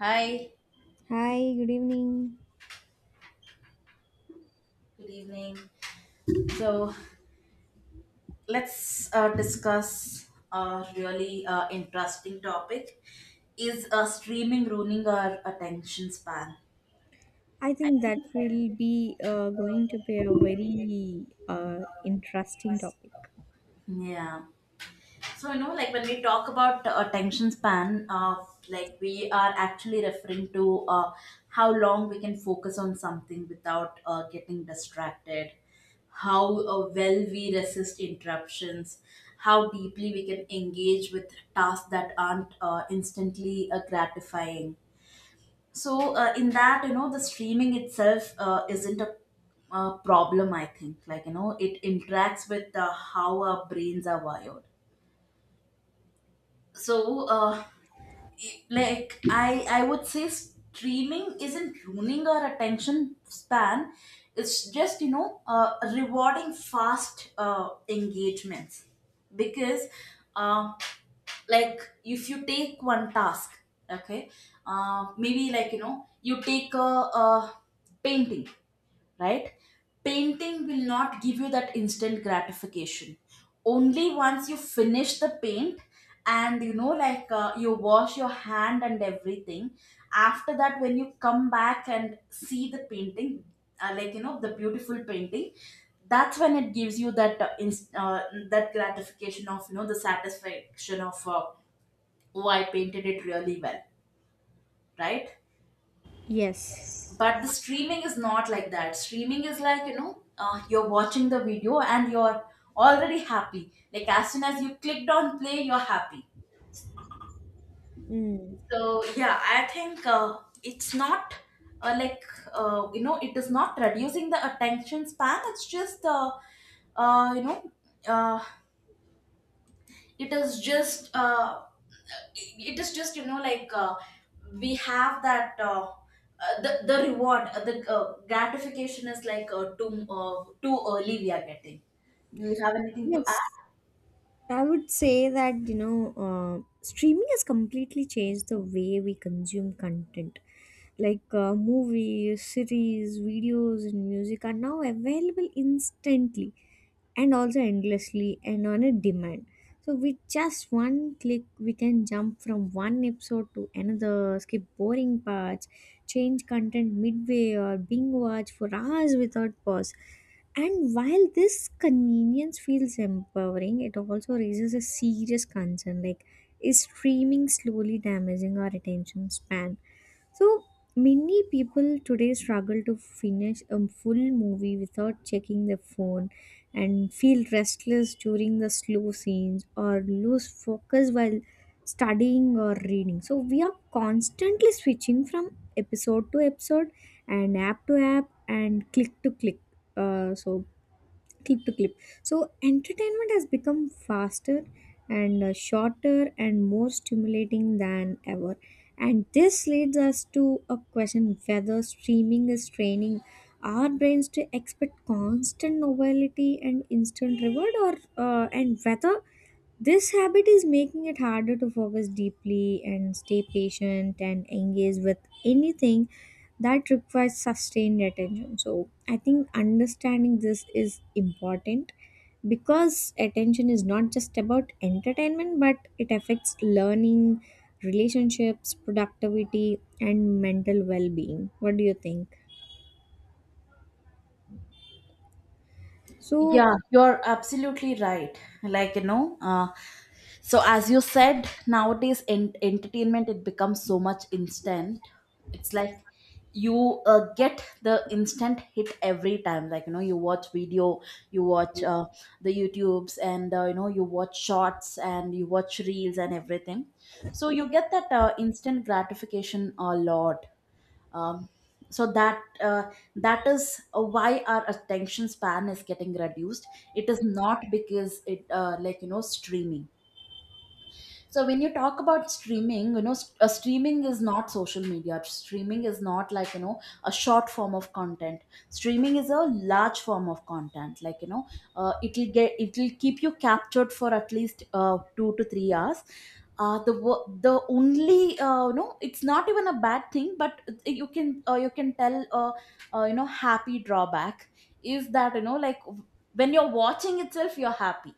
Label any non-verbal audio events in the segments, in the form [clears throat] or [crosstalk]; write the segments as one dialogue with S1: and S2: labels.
S1: Hi,
S2: Hi, good evening.
S1: good evening. So let's discuss a really interesting topic. Is streaming ruining our attention span?
S2: I
S1: I
S2: think that
S1: think
S2: will be going to be a very interesting topic.
S1: Yeah. So, like when we talk about attention span, like we are actually referring to how long we can focus on something without getting distracted, how well we resist interruptions, how deeply we can engage with tasks that aren't instantly gratifying. So, in that, you know, the streaming itself isn't a problem, I think. Like, you know, it interacts with how our brains are wired so I- like I would say streaming isn't ruining our attention span. It's just you know rewarding fast engagements because uh, like if you take one task. Okay, maybe like you know you take a painting, right? Painting will not give you that instant gratification. Only once you finish the paint and you know, like you wash your hand and everything, after that, when you come back and see the painting, like you know, the beautiful painting, that's when it gives you that that gratification of you know the satisfaction of, oh, I painted it really well, right?
S2: Yes.
S1: But the streaming is not like that. Streaming is like you know you're watching the video and you're already happy. Like as soon as you clicked on play, you're happy.
S2: Mm.
S1: So yeah, I think it's not like you know, it is not reducing the attention span. It's just you know uh, it is just uh, it is just you know like we have that the reward, the gratification is like too too early we are getting. Do you have anything to add?
S2: Yes, I would say that, you know, streaming has completely changed the way we consume content. Like movies, series, videos, and music are now available instantly and also endlessly and on a demand. So, with just one click, we can jump from one episode to another, skip boring parts, change content midway, or binge watch for hours without pause. And while this convenience feels empowering, it also raises a serious concern like, is streaming slowly damaging our attention span? So, many people today struggle to finish a full movie without checking their phone and feel restless during the slow scenes or lose focus while studying or reading. So, we are constantly switching from episode to episode and app to app and click to click. So clip to clip, so entertainment has become faster and shorter and more stimulating than ever, and this leads us to a question whether streaming is training our brains to expect constant novelty and instant reward, or and whether this habit is making it harder to focus deeply and stay patient and engage with anything that requires sustained attention. So, I think understanding this is important because attention is not just about entertainment but it affects learning, relationships, productivity, and mental well being. What do you think? So,
S1: Yeah, you're absolutely right. Like you know so as you said, nowadays in entertainment it becomes so much instant. It's like you get the instant hit every time. Like you know you watch video, you watch the youtubes and you know you watch shorts and you watch reels and everything. So you get that instant gratification a lot. um, so that that is why our attention span is getting reduced. It is not because it like you know streaming. So when you talk about streaming, you know, streaming is not social media. Streaming is not like you know a short form of content. Streaming is a large form of content. Like you know, it'll keep you captured for at least 2 to 3 hours. The only no, it's not even a bad thing, but you can tell you know, happy drawback is that you know like when you're watching itself, you're happy.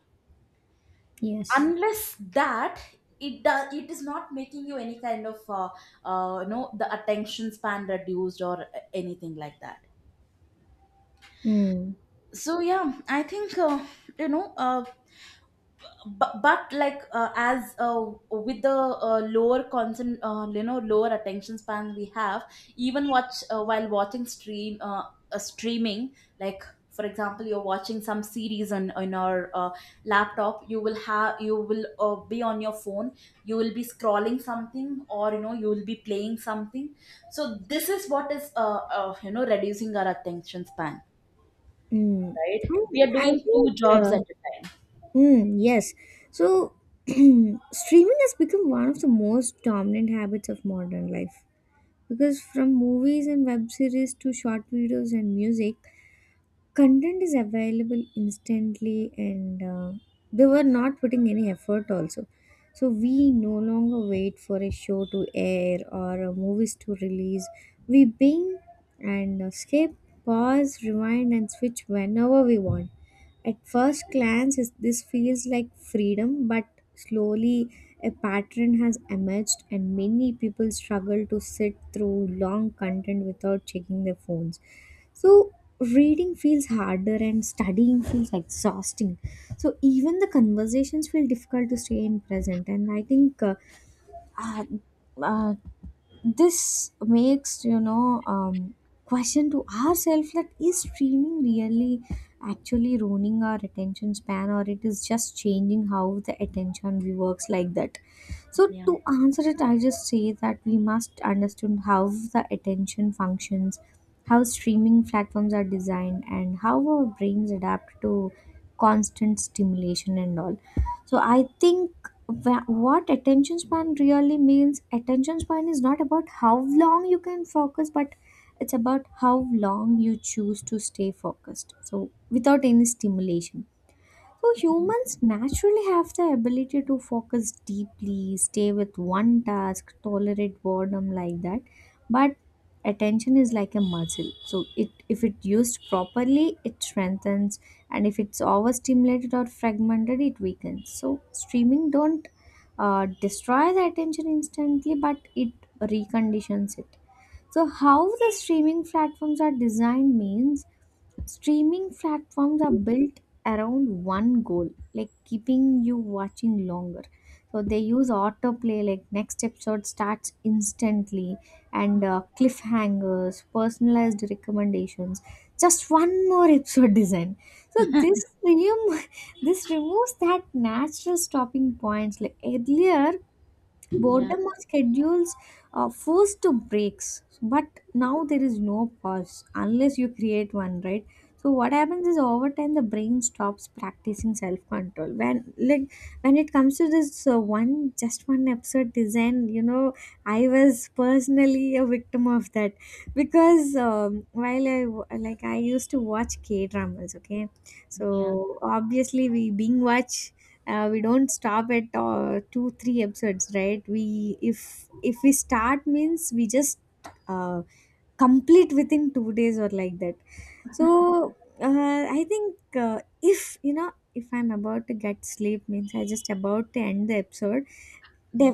S2: yes.
S1: Unless that, it does it is not making you any kind of you know the attention span reduced or anything like that.
S2: Mm,
S1: So yeah, I think you know but like as with the lower concent you know, lower attention span we have, even watch while watching streaming. Like for example, you're watching some series on our laptop. You will be on your phone. You will be scrolling something, or you know you will be playing something. So this is what is you know, reducing our attention span,
S2: mm.
S1: right?
S2: I,
S1: We are
S2: I
S1: doing two
S2: think.
S1: jobs at a time.
S2: Hmm. Yes. So, [clears throat] streaming has become one of the most dominant habits of modern life, because from movies and web series to short videos and music, content is available instantly, and they were not putting any effort also. So we no longer wait for a show to air or movies to release. We bing and skip, pause, rewind, and switch whenever we want. At first glance, this feels like freedom, but slowly a pattern has emerged, and many people struggle to sit through long content without checking their phones. So reading feels harder and studying feels exhausting. So even the conversations feel difficult to stay in present. And I think uh, uh, this makes question to ourselves, that is streaming really actually ruining our attention span, or it is just changing how the attention we works, like that. So
S1: Yeah,
S2: to answer it, I just say that we must understand how the attention functions, how streaming platforms are designed, and how our brains adapt to constant stimulation and all. So I think what attention span really means. Attention span is not about how long you can focus, but it's about how long you choose to stay focused. So without any stimulation. So humans naturally have the ability to focus deeply, stay with one task, tolerate boredom, like that. But attention is like a muscle. So it if it used properly, it strengthens, and if it's overstimulated or fragmented, it weakens. So streaming don't destroy the attention instantly, but it reconditions it. So how the streaming platforms are designed means streaming platforms are built around one goal, like keeping you watching longer. So they use autoplay, like next episode starts instantly, and cliffhangers, personalized recommendations, just one more [laughs] episode design. So [laughs] this removes that natural stopping points. Like earlier,
S1: yeah,
S2: boredom or schedules are forced to breaks, but now there is no pause unless you create one, right? So what happens is, over time the brain stops practicing self-control. When it comes to this one just one episode design, I was personally a victim of that, because while like I used to watch K dramas, okay.
S1: yeah.
S2: So obviously we being watch, we don't stop at 2-3 episodes, right? We, if we start, means we just uh, complete within 2 days or like that. So I think, if you know if I'm about to get sleep, means I just about to end the episode. They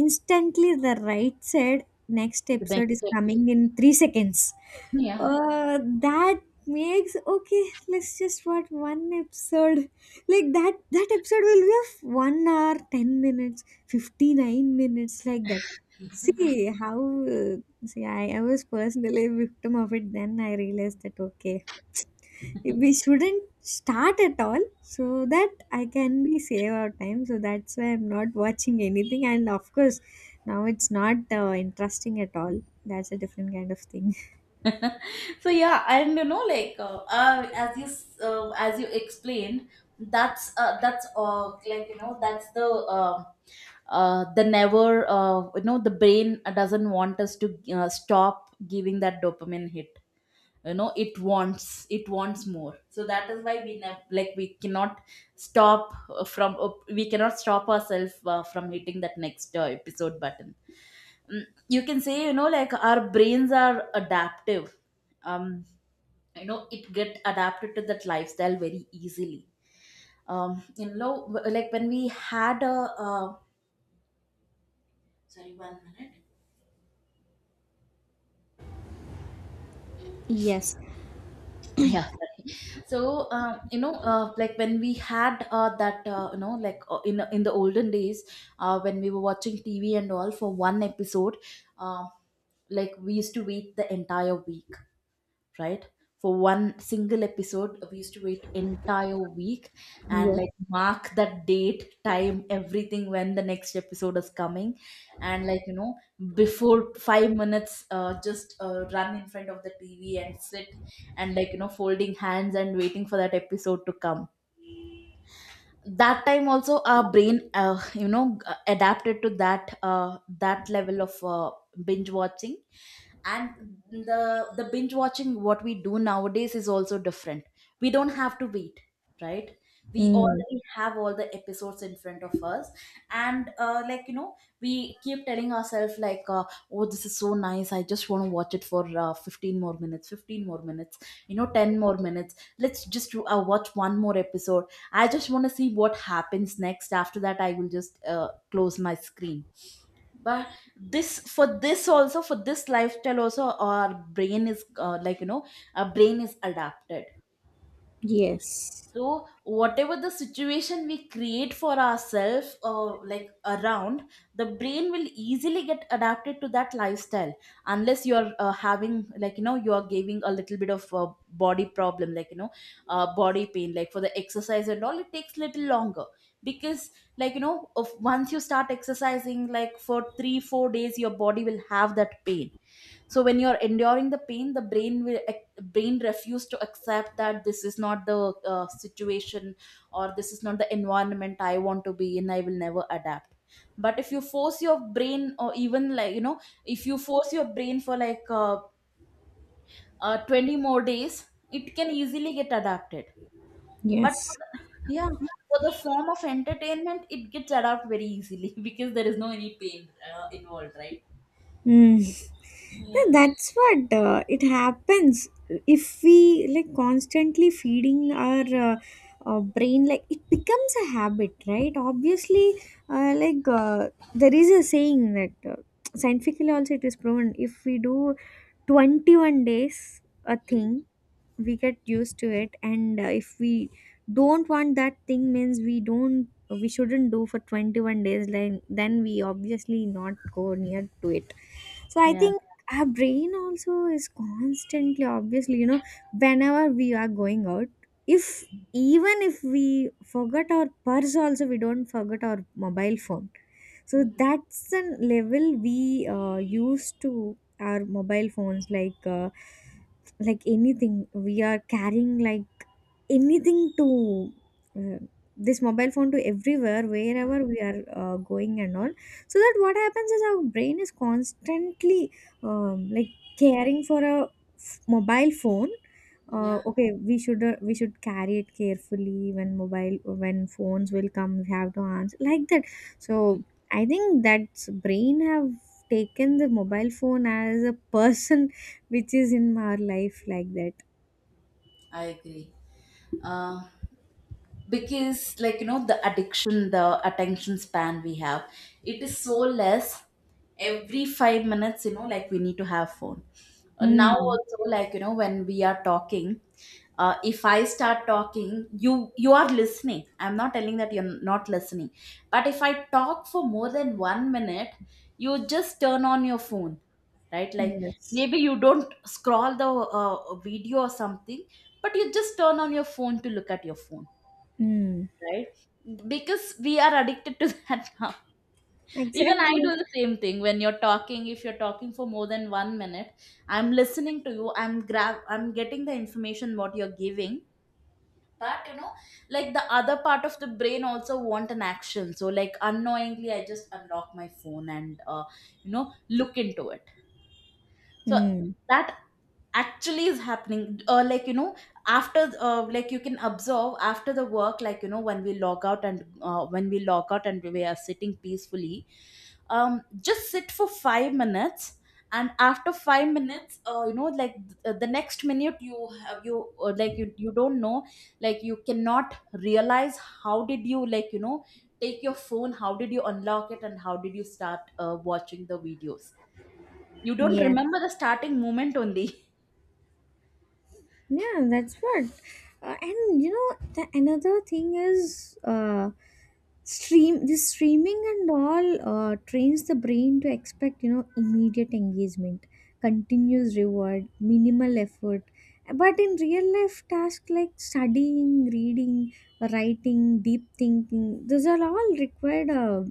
S2: instantly, the right said next
S1: The
S2: episode
S1: next
S2: is
S1: step is-
S2: coming in 3 seconds.
S1: [laughs] yeah.
S2: Uh, that makes okay. Let's just watch one episode. Like that. That episode will be of 1 hour, 10 minutes, 59 minutes, like that. See how. Uh, see, I was personally a victim of it. Then I realized that, okay, we shouldn't start at all, so that I can be save our time, so that's why I'm not watching anything. And of course now it's not interesting at all. That's a different kind of thing. [laughs]
S1: [laughs] So yeah, and you know like as you as you explained, that's like you know, that's um the never you know, the brain doesn't want us to stop giving that dopamine hit. You know, it wants more. So that is why we never, like we cannot stop from we cannot stop ourselves from hitting that next episode button. Mm, you can say you know like our brains are adaptive. um you know, it get adapted to that lifestyle very easily. You know, like when we had a uh, sorry, 1 minute.
S2: Yes.
S1: Yeah, sorry. So you know like when we had that you know, like in the olden days, when we were watching TV and all, for one episode, uh, like we used to wait the entire week, right? For one single episode, we used to wait entire week and
S2: Yes.
S1: like mark that date time everything when the next episode is coming. And like you know, before 5 minutes just run in front of the TV and sit, and like you know folding hands and waiting for that episode to come. That time also, our brain you know, adapted to that that level of binge watching. And the binge watching what we do nowadays is also different. We don't have to wait, right? We
S2: Mm.
S1: already have all the episodes in front of us. And like you know, we keep telling ourselves like, oh, this is so nice, I just want to watch it for 15 more minutes, 15 more minutes, you know, 10 more minutes. Let's just watch one more episode. I just want to see what happens next, after that I will just close my screen. But this for this also for this lifestyle also, our brain is like you know, our brain is adapted.
S2: Yes.
S1: So whatever the situation we create for ourselves, like around, the brain will easily get adapted to that lifestyle, unless you're having like you know, you are giving a little bit of body problem. Like you know, body pain, like for the exercise and all, it takes little longer, because like you know, of once you start exercising like for 3 or 4 days, your body will have that pain. So when you're enduring the pain, the brain will brain refuse to accept that this is not the situation, or this is not the environment I want to be in. I will never adapt. But if you force your brain, or even like you know, if you force your brain for like 20 more days, it can easily get adapted. But for
S2: Yes.
S1: the, yeah, for the form of entertainment, it gets adapted very easily [laughs] because there is no any pain involved, right?
S2: Mm.
S1: Yeah,
S2: Yeah, that's what it happens. If we like constantly feeding our uh, brain, like, it becomes a habit, right? Obviously like, there is a saying that scientifically also it is proven, if we do 21 days a thing we get used to it, and if we don't want that thing means, we shouldn't do for 21 days, like, then we obviously not go near to it. So I
S1: yeah,
S2: think our brain also is constantly obviously, whenever we are going out, if even if we forget our purse also, we don't forget our mobile phone. So that's the level we used to our mobile phones, like anything we are carrying, like anything to uh, this mobile phone, to everywhere wherever we are going and all. So that what happens is our brain is constantly like caring for a mobile phone. uh,
S1: yeah.
S2: okay we should carry it carefully, when phones will come we have to answer, like that. So I think that brain have taken the mobile phone as a [laughs] person, which is in our life, like that.
S1: I agree. Uh, because like you know, the addiction, the attention span we have, it is so less. Every 5 minutes, you know, like we need to have phone. Now
S2: Mm.
S1: also, like you know, when we are talking, if I start talking, you you are listening, I'm not telling that you're not listening, but if I talk for more than 1 minute, you just turn on your phone, right? Like,
S2: Yes.
S1: maybe you don't scroll the uh, video or something, but you just turn on your phone to look at your phone,
S2: Mm.
S1: right? Because we are addicted to [laughs] that now. Even I
S2: Exactly.
S1: do the same thing when you're talking. If you're talking for more than 1 minute, I'm listening to you. I'm grab. I'm getting the information what you're giving. But you know, like the other part of the brain also want an action. So like unknowingly, I just unlock my phone and you know, look into it. So
S2: Mm.
S1: that actually is happening. Or like you know, after like you can observe, after the work, like you know, when we log out and we are sitting peacefully, um just sit for 5 minutes, and after 5 minutes you know like the next minute you have you like you don't know, like you cannot realize how did you like you know take your phone, how did you unlock it, and how did you start watching the videos. You don't
S2: Yes.
S1: remember the starting moment only.
S2: Yeah, that's what. And you know, the another thing is stream. This streaming and all trains the brain to expect, immediate engagement, continuous reward, minimal effort. But in real life, tasks like studying, reading, writing, deep thinking, those are all required uh,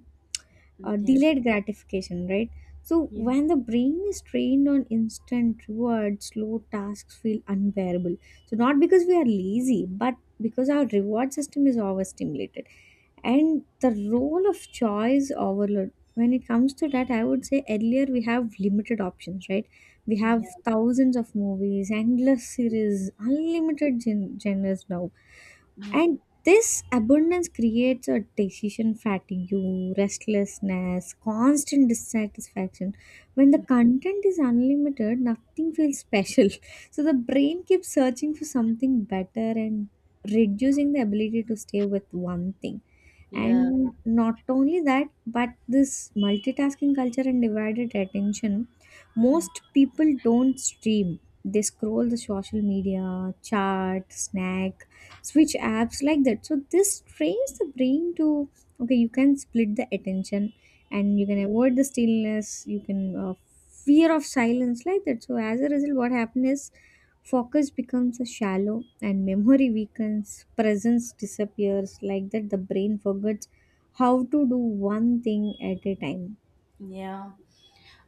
S2: uh,
S1: [laughs]
S2: delayed gratification, right? So
S1: Yeah,
S2: when the brain is trained on instant rewards, slow tasks feel unbearable. So, not because we are lazy, but because our reward system is overstimulated. And the role of choice overload, when it comes to that, I would say earlier we have limited options, right? We have
S1: yeah,
S2: thousands of movies, endless series, unlimited genres now,
S1: yeah,
S2: and this abundance creates a decision fatigue, restlessness, constant dissatisfaction. When the content is unlimited, nothing feels special. [laughs] So the brain keeps searching for something better and reducing the ability to stay with one thing.
S1: yeah,
S2: And not only that, but this multitasking culture and divided attention,
S1: mm,
S2: most people don't stream. They scroll the social media, chat, snack, switch apps, like that. So this trains the brain to, okay, you can split the attention, and you can avoid the stillness, you can fear of silence, like that. So as a result, what happens is focus becomes a shallow and memory weakens, presence disappears, like that the brain forgets how to do one thing at a time.
S1: yeah.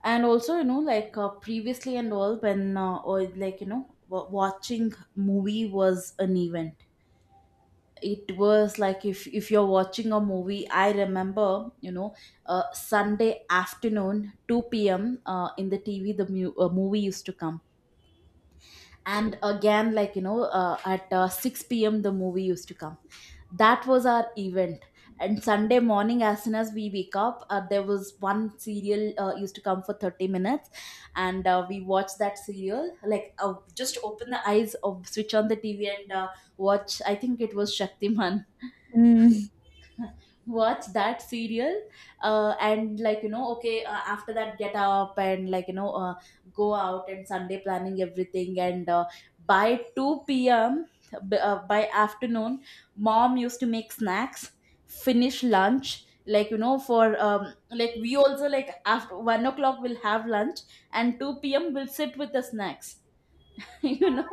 S1: And also, you know, like previously and all, when or like you know, watching movie was an event. It was like if you're watching a movie, I remember, you know, Sunday afternoon, two p.m. In the TV, movie used to come. And again, at 6 p.m the movie used to come. That was our event. And Sunday morning, as soon as we wake up, there was one serial used to come for 30 minutes. And we watched that serial, like, just open the eyes of switch on the TV, and watch. I think it was Shaktiman. [laughs]
S2: Mm.
S1: Watch that serial. And, like, you know, okay, after that get up and, like, you know, go out and Sunday planning everything. And by 2 p.m, by afternoon, mom used to make snacks, finish lunch, like, for like. We also like after 1 o'clock we'll have lunch, and 2 p.m we'll sit with the snacks. [laughs] You know,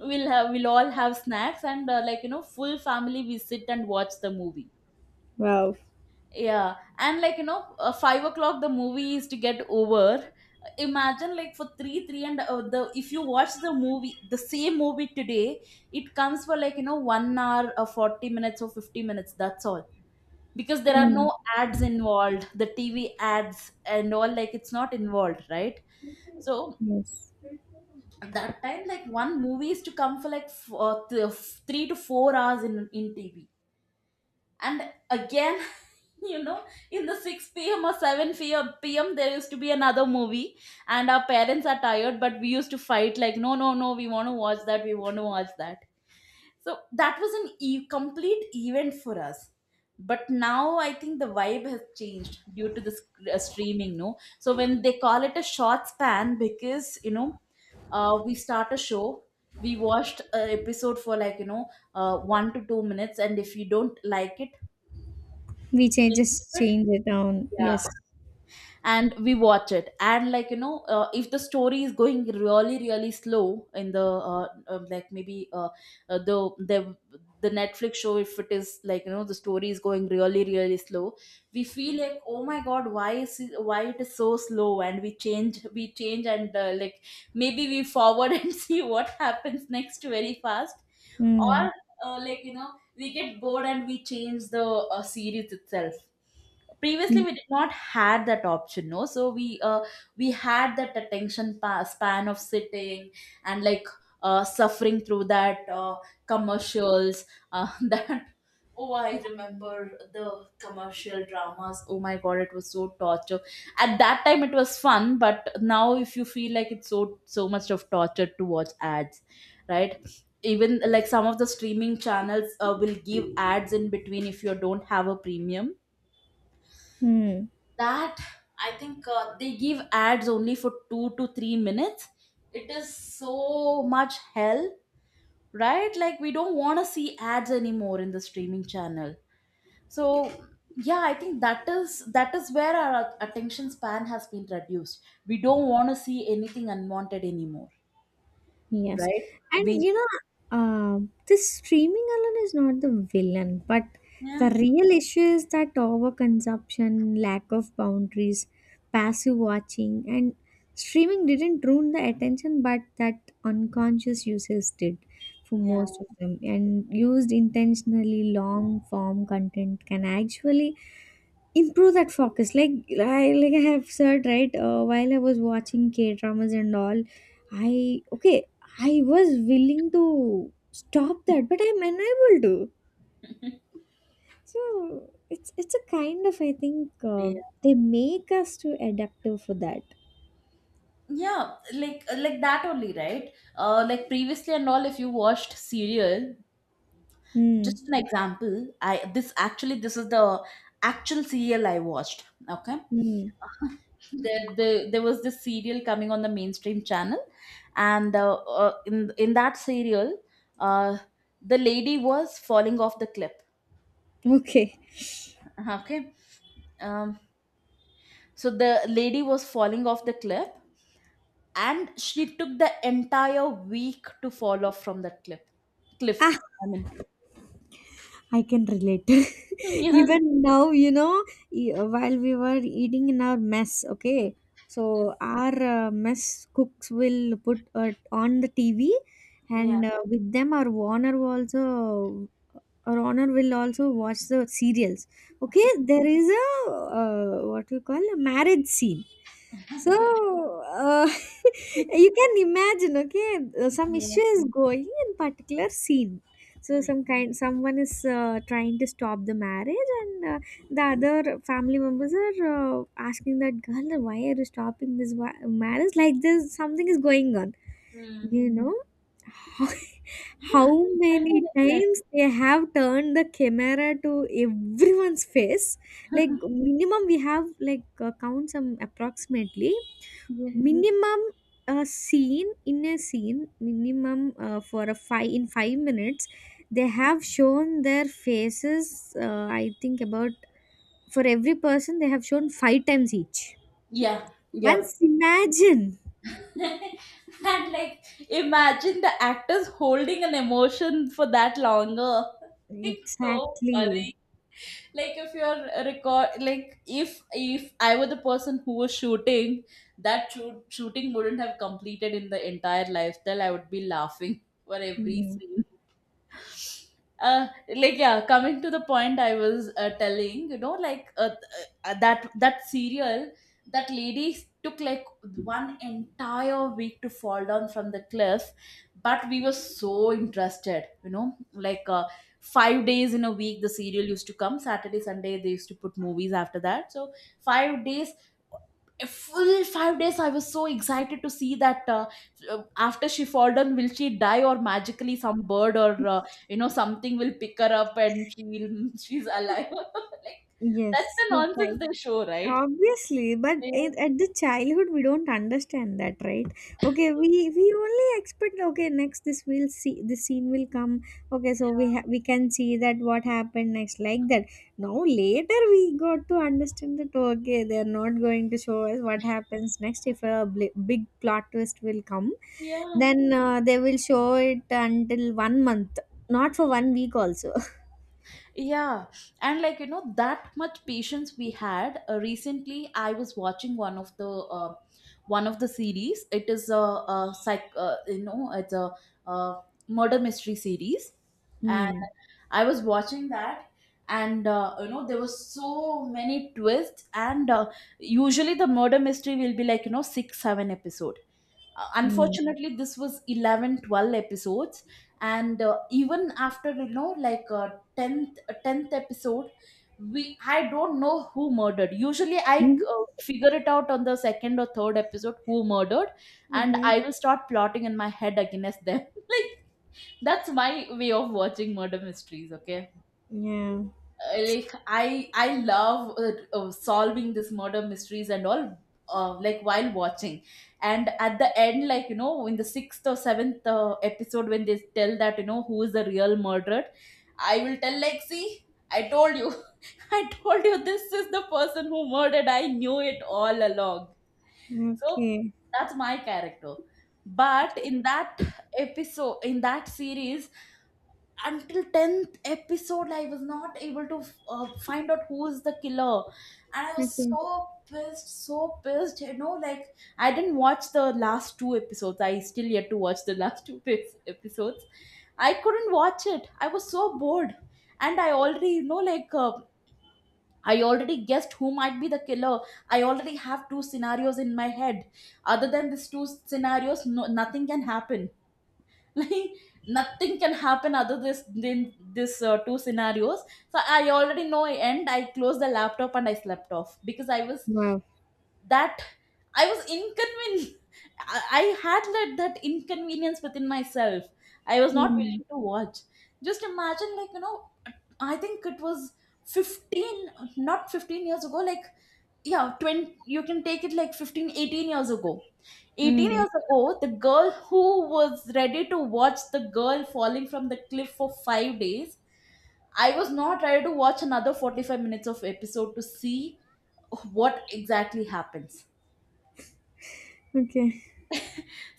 S1: we'll all have snacks, and like, you know, full family we sit and watch the movie.
S2: Wow.
S1: Yeah, and like, you know, 5 o'clock the movie is to get over. Imagine, like, for three, three and the if you watch the movie, the same movie today, it comes for like, you know, 1 hour or 40 minutes or 50 minutes. That's all, because there are
S2: Mm.
S1: no ads involved. The TV ads and all, like, it's not involved, right? So
S2: Yes,
S1: that time, like, one movie is to come for like 3 to 4 hours in TV. And again, [laughs] you know, in the 6 p.m or 7 p.m there used to be another movie, and our parents are tired, but we used to fight like, no, no, no, we want to watch that, we want to watch that. So that was an e- complete event for us. But now I think the vibe has changed due to the streaming, no. So when they call it a short span, because you know, we start a show. We watched an episode for like, you know, 1 to 2 minutes, and if you don't like it
S2: we changes
S1: it,
S2: change it down,
S1: yeah.
S2: yes.
S1: And we watch it, and like, you know, if the story is going really really slow in the like maybe the the Netflix show, if it is like, you know, the story is going really really slow, we feel like, oh my god, why is it, why it is so slow. And we change and like, maybe we forward [laughs] and see what happens next very fast. Or
S2: Mm.
S1: like, you know, we get bored and we change the series itself. Previously we did not had that option, no, so we had that attention span of sitting and like, suffering through that commercials. [laughs] That, oh, I remember the commercial dramas, oh my god, it was so torture. At that time it was fun, but now if you feel like it's so so much of torture to watch ads, right? Even, like, some of the streaming channels will give ads in between if you don't have a premium.
S2: Mm.
S1: That, I think they give ads only for 2 to 3 minutes. It is so much hell. Right, like, we don't want to see ads anymore in the streaming channel. So, yeah, I think that is where our attention span has been reduced. We don't want to see anything unwanted anymore,
S2: Yes.
S1: right?
S2: And
S1: We...
S2: you know, uh, the streaming alone is not the villain, but
S1: Yeah,
S2: the real issue is that overconsumption, lack of boundaries, passive watching, and streaming didn't ruin the attention, but that unconscious users did, for
S1: yeah,
S2: most of them. And used intentionally, long form content can actually improve that focus, like I have said, right? While I was watching K dramas and all, I, okay, I was willing to stop that but I'm unable to. So it's a kind of, I think
S1: yeah,
S2: they make us too adaptive for that.
S1: yeah, like, like that only, right. Like, previously and all, if you watched serial, just an
S2: Hmm.
S1: example. I This actually this is the actual serial I watched, okay.
S2: Hmm.
S1: There was this serial coming on the mainstream channel, and in that serial, uh the lady was falling off the cliff,
S2: Okay.
S1: okay. um so the lady was falling off the cliff, and she took the entire week to fall off from that cliff.
S2: Ah.
S1: I mean...
S2: I can relate.
S1: [laughs]
S2: [laughs]
S1: Yeah.
S2: Even now, you know, while we were eating in our mess, okay, so our mess cooks will put on the TV,
S1: Yeah.
S2: and with them, our Warner also or honor will also watch the serials, okay. There is a, what you call, a marriage scene. So
S1: Yeah.
S2: uh, [laughs] you can imagine, okay, some
S1: Yeah.
S2: issue is going in particular scene. So
S1: Mm.
S2: someone is trying to stop the marriage, and the other family members are asking that girl, why are you stopping this marriage, like this something is going on,
S1: Mm.
S2: you know. [laughs] How
S1: Exactly
S2: many
S1: like that.
S2: times they have turned the camera to everyone's face? Like, minimum, we have like count some approximately
S1: Yeah.
S2: minimum, a scene in a scene minimum, for a five in 5 minutes. They have shown their faces. I think about, for every person they have shown five times each.
S1: Yeah. Yep.
S2: Once imagine.
S1: [laughs] And, like, imagine the actors holding an emotion for that longer. [laughs] It's so
S2: Exactly.
S1: funny. Like, if you're record like if I were the person who was shooting that shooting, wouldn't have completed in the entire lifestyle, I would be laughing [laughs] for every
S2: Mm.
S1: scene. uh like, yeah, coming to the point. I was telling, you know, like, that serial, that lady took like one entire week to fall down from the cliff. But we were so interested, you know, like, 5 days in a week the serial used to come, Saturday Sunday they used to put movies after that. So 5 days, a full 5 days, I was so excited to see that, after she fall down will she die, or magically some bird or you know, something will pick her up and she will [laughs] she's alive. [laughs] Like, that's
S2: Yes,
S1: the
S2: yes,
S1: nonsense
S2: I
S1: they show, right?
S2: Obviously, but in,
S1: Yeah,
S2: at the childhood we don't understand that, right? Okay, we only expect, okay, next this will see this scene will come. Okay, so we can see that what happened next, like that. Now later we got to understand that, okay, they are not going to show us what happens next if a big plot twist will come.
S1: yeah.
S2: Then they will show it until one month, not for one week also. [laughs]
S1: Yeah, and like, you know, that much patience we had. Recently, I was watching one of the series. It is a, you know, it's a, uh murder mystery series, and
S2: Hmm.
S1: I was watching that, and you know, there were so many twists. And usually, the murder mystery will be like, you know, six, seven episodes.
S2: Hmm.
S1: Unfortunately, this was 11, 12 episodes. And even after, you know, like, 10th 10th episode, we... I don't know who murdered. Usually I
S2: Mhm.
S1: figure it out on the second or third episode who murdered, and
S2: Okay.
S1: I will start plotting in my head against them. [laughs] Like, that's my way of watching murder mysteries, okay.
S2: Yeah.
S1: Like, I love solving this murder mysteries and all, like, while watching. And at the end, like, you know, in the sixth or seventh episode, when they tell that, you know, who is the real murderer, I will tell like, see, I told you, [laughs] I told you this is the person who murdered, I knew it all along. So
S2: Okay.
S1: that's my character. But in that episode, in that series, until 10th episode, I was not able to find out who is the killer. And I was
S2: Okay.
S1: so pissed, so pissed, you know, like, I didn't watch the last two episodes. I still yet to watch the [laughs] last two episodes. I couldn't watch it, I was so bored. And I already, you know, like, I already guessed who might be the killer. I already have two scenarios in my head. Other than these two scenarios, no, nothing can happen. [laughs] Like, nothing can happen other this than this two scenarios. So I already know, I closed the laptop and I slept off, because I was
S2: Wow.
S1: that... I was inconvenienced. [laughs] I had let that inconvenience within myself. I was not
S2: Hmm.
S1: willing to watch. Just imagine, like, you know, I think it was 15, not 15 years ago, like, yeah, 20, you can take it like 15, 18 years ago. 18
S2: Hmm.
S1: years ago, the girl who was ready to watch the girl falling from the cliff for 5 days, I was not ready to watch another 45 minutes of episode to see what exactly happens.
S2: Okay.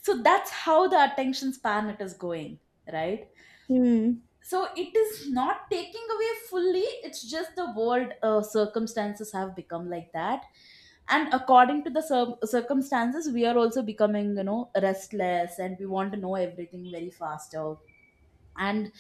S1: So that's how the attention span it is going, right.
S2: Hmm.
S1: So it is not taking away fully, it's just the world circumstances have become like that. And according to the circumstances, we are also becoming, you know, restless, and we want to know everything very faster. And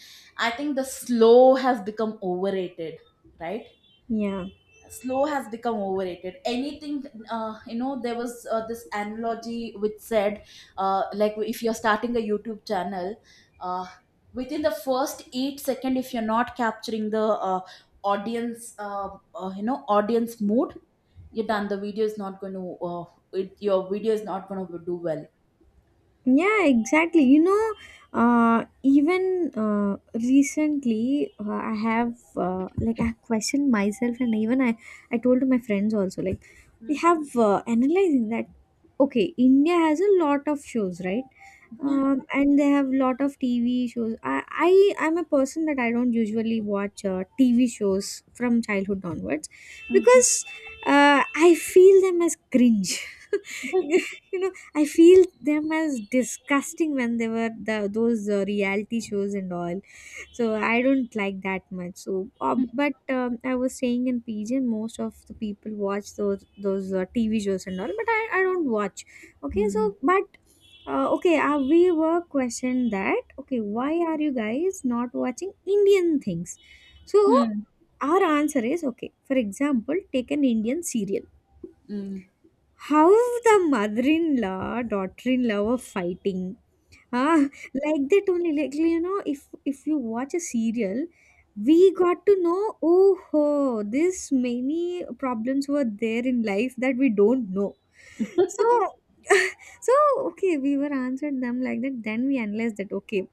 S1: I think the slow has become overrated, right.
S2: Yeah.
S1: Slow has become overrated. Anything, you know, there was this analogy which said, like, if you're starting a YouTube channel, uh, within the first 8 second if you're not capturing the audience you know, audience mood, you're done. The video is not going to your video is not going to do well.
S2: Yeah, exactly. You know, even recently, I have like I questioned myself, and even I told to my friends also. Like, we
S1: Mm.
S2: have analyzing that. Okay, India has a lot of shows, right?
S1: Yeah.
S2: And they have lot of TV shows. I'm a person that I don't usually watch TV shows from childhood onwards
S1: Mm-hmm.
S2: because I feel them as cringe. [laughs]
S1: Mm-hmm.
S2: You know, I feel them as disgusting when they were the those reality shows and all, so I don't like that much. So uh, but I was saying in pigeon, most of the people watch those TV shows and all, but I don't watch, okay. So
S1: Mm.
S2: but okay, we were questioned that, okay, why are you guys not watching Indian things? So our answer is, okay, for example, take an Indian serial,
S1: Mm.
S2: how the mother in law, daughter in law were fighting. Ah, like that only. Like you know, if you watch a serial, we got to know. Oh, this many problems were there in life that we don't know. So [laughs] so, okay, we were answered them like that. Then we analyzed that. Okay,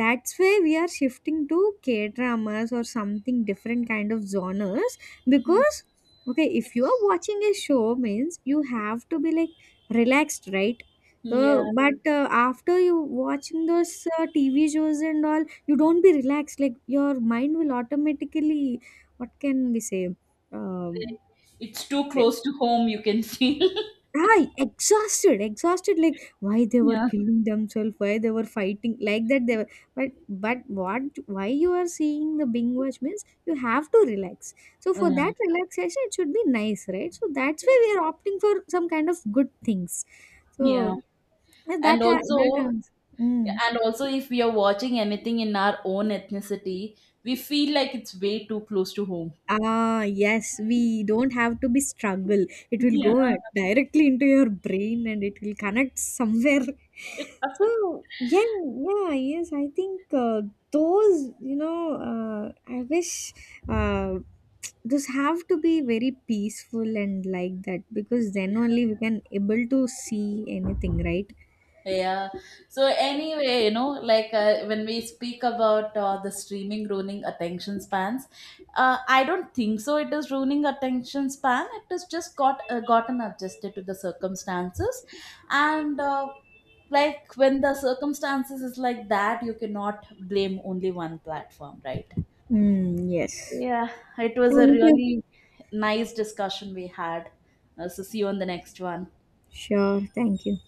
S2: that's why we are shifting to K dramas or something different kind of genres,
S1: Mm.
S2: because, okay, if you are
S1: It's...
S2: watching a show means you have to be like relaxed, right? Uh,
S1: Yeah,
S2: but after you watching those TV shows and all, you don't be relaxed. Like your mind will automatically, what can we say? Um,
S1: it's too
S2: eh,
S1: close to home, you can see. [laughs]
S2: exhausted, exhausted. Like, why they were
S1: Yeah.
S2: killing themselves, why they were fighting, like that. They were, but what? Why you are seeing the Bing Watch means you have to relax. So for
S1: Yeah,
S2: that relaxation, it should be nice, right? So that's why we are opting for some kind of good things.
S1: yeah.
S2: So that
S1: And
S2: ha- that
S1: also,
S2: answer. Hmm.
S1: and also, if we are watching anything in our own ethnicity, we feel like it's way too close to home.
S2: Ah, yes, we don't have to be struggle. It will
S1: [laughs] Yeah.
S2: go directly into your brain and it will connect somewhere. [laughs] So, yeah, yeah, yes, I think those, I wish uh, those have to be very peaceful, and like that, because then only we can able to see anything, right?
S1: Yeah. So anyway, you know, like, when we speak about the streaming ruining attention spans, I don't think so, it is ruining attention span. It has just got gotten adjusted to the circumstances, and like, when the circumstances is like that, you cannot blame only one platform, right?
S2: Mm, yes.
S1: Yeah, it was a
S2: Thank you.
S1: really nice discussion we had. So, see you on the next one.
S2: Sure, thank you.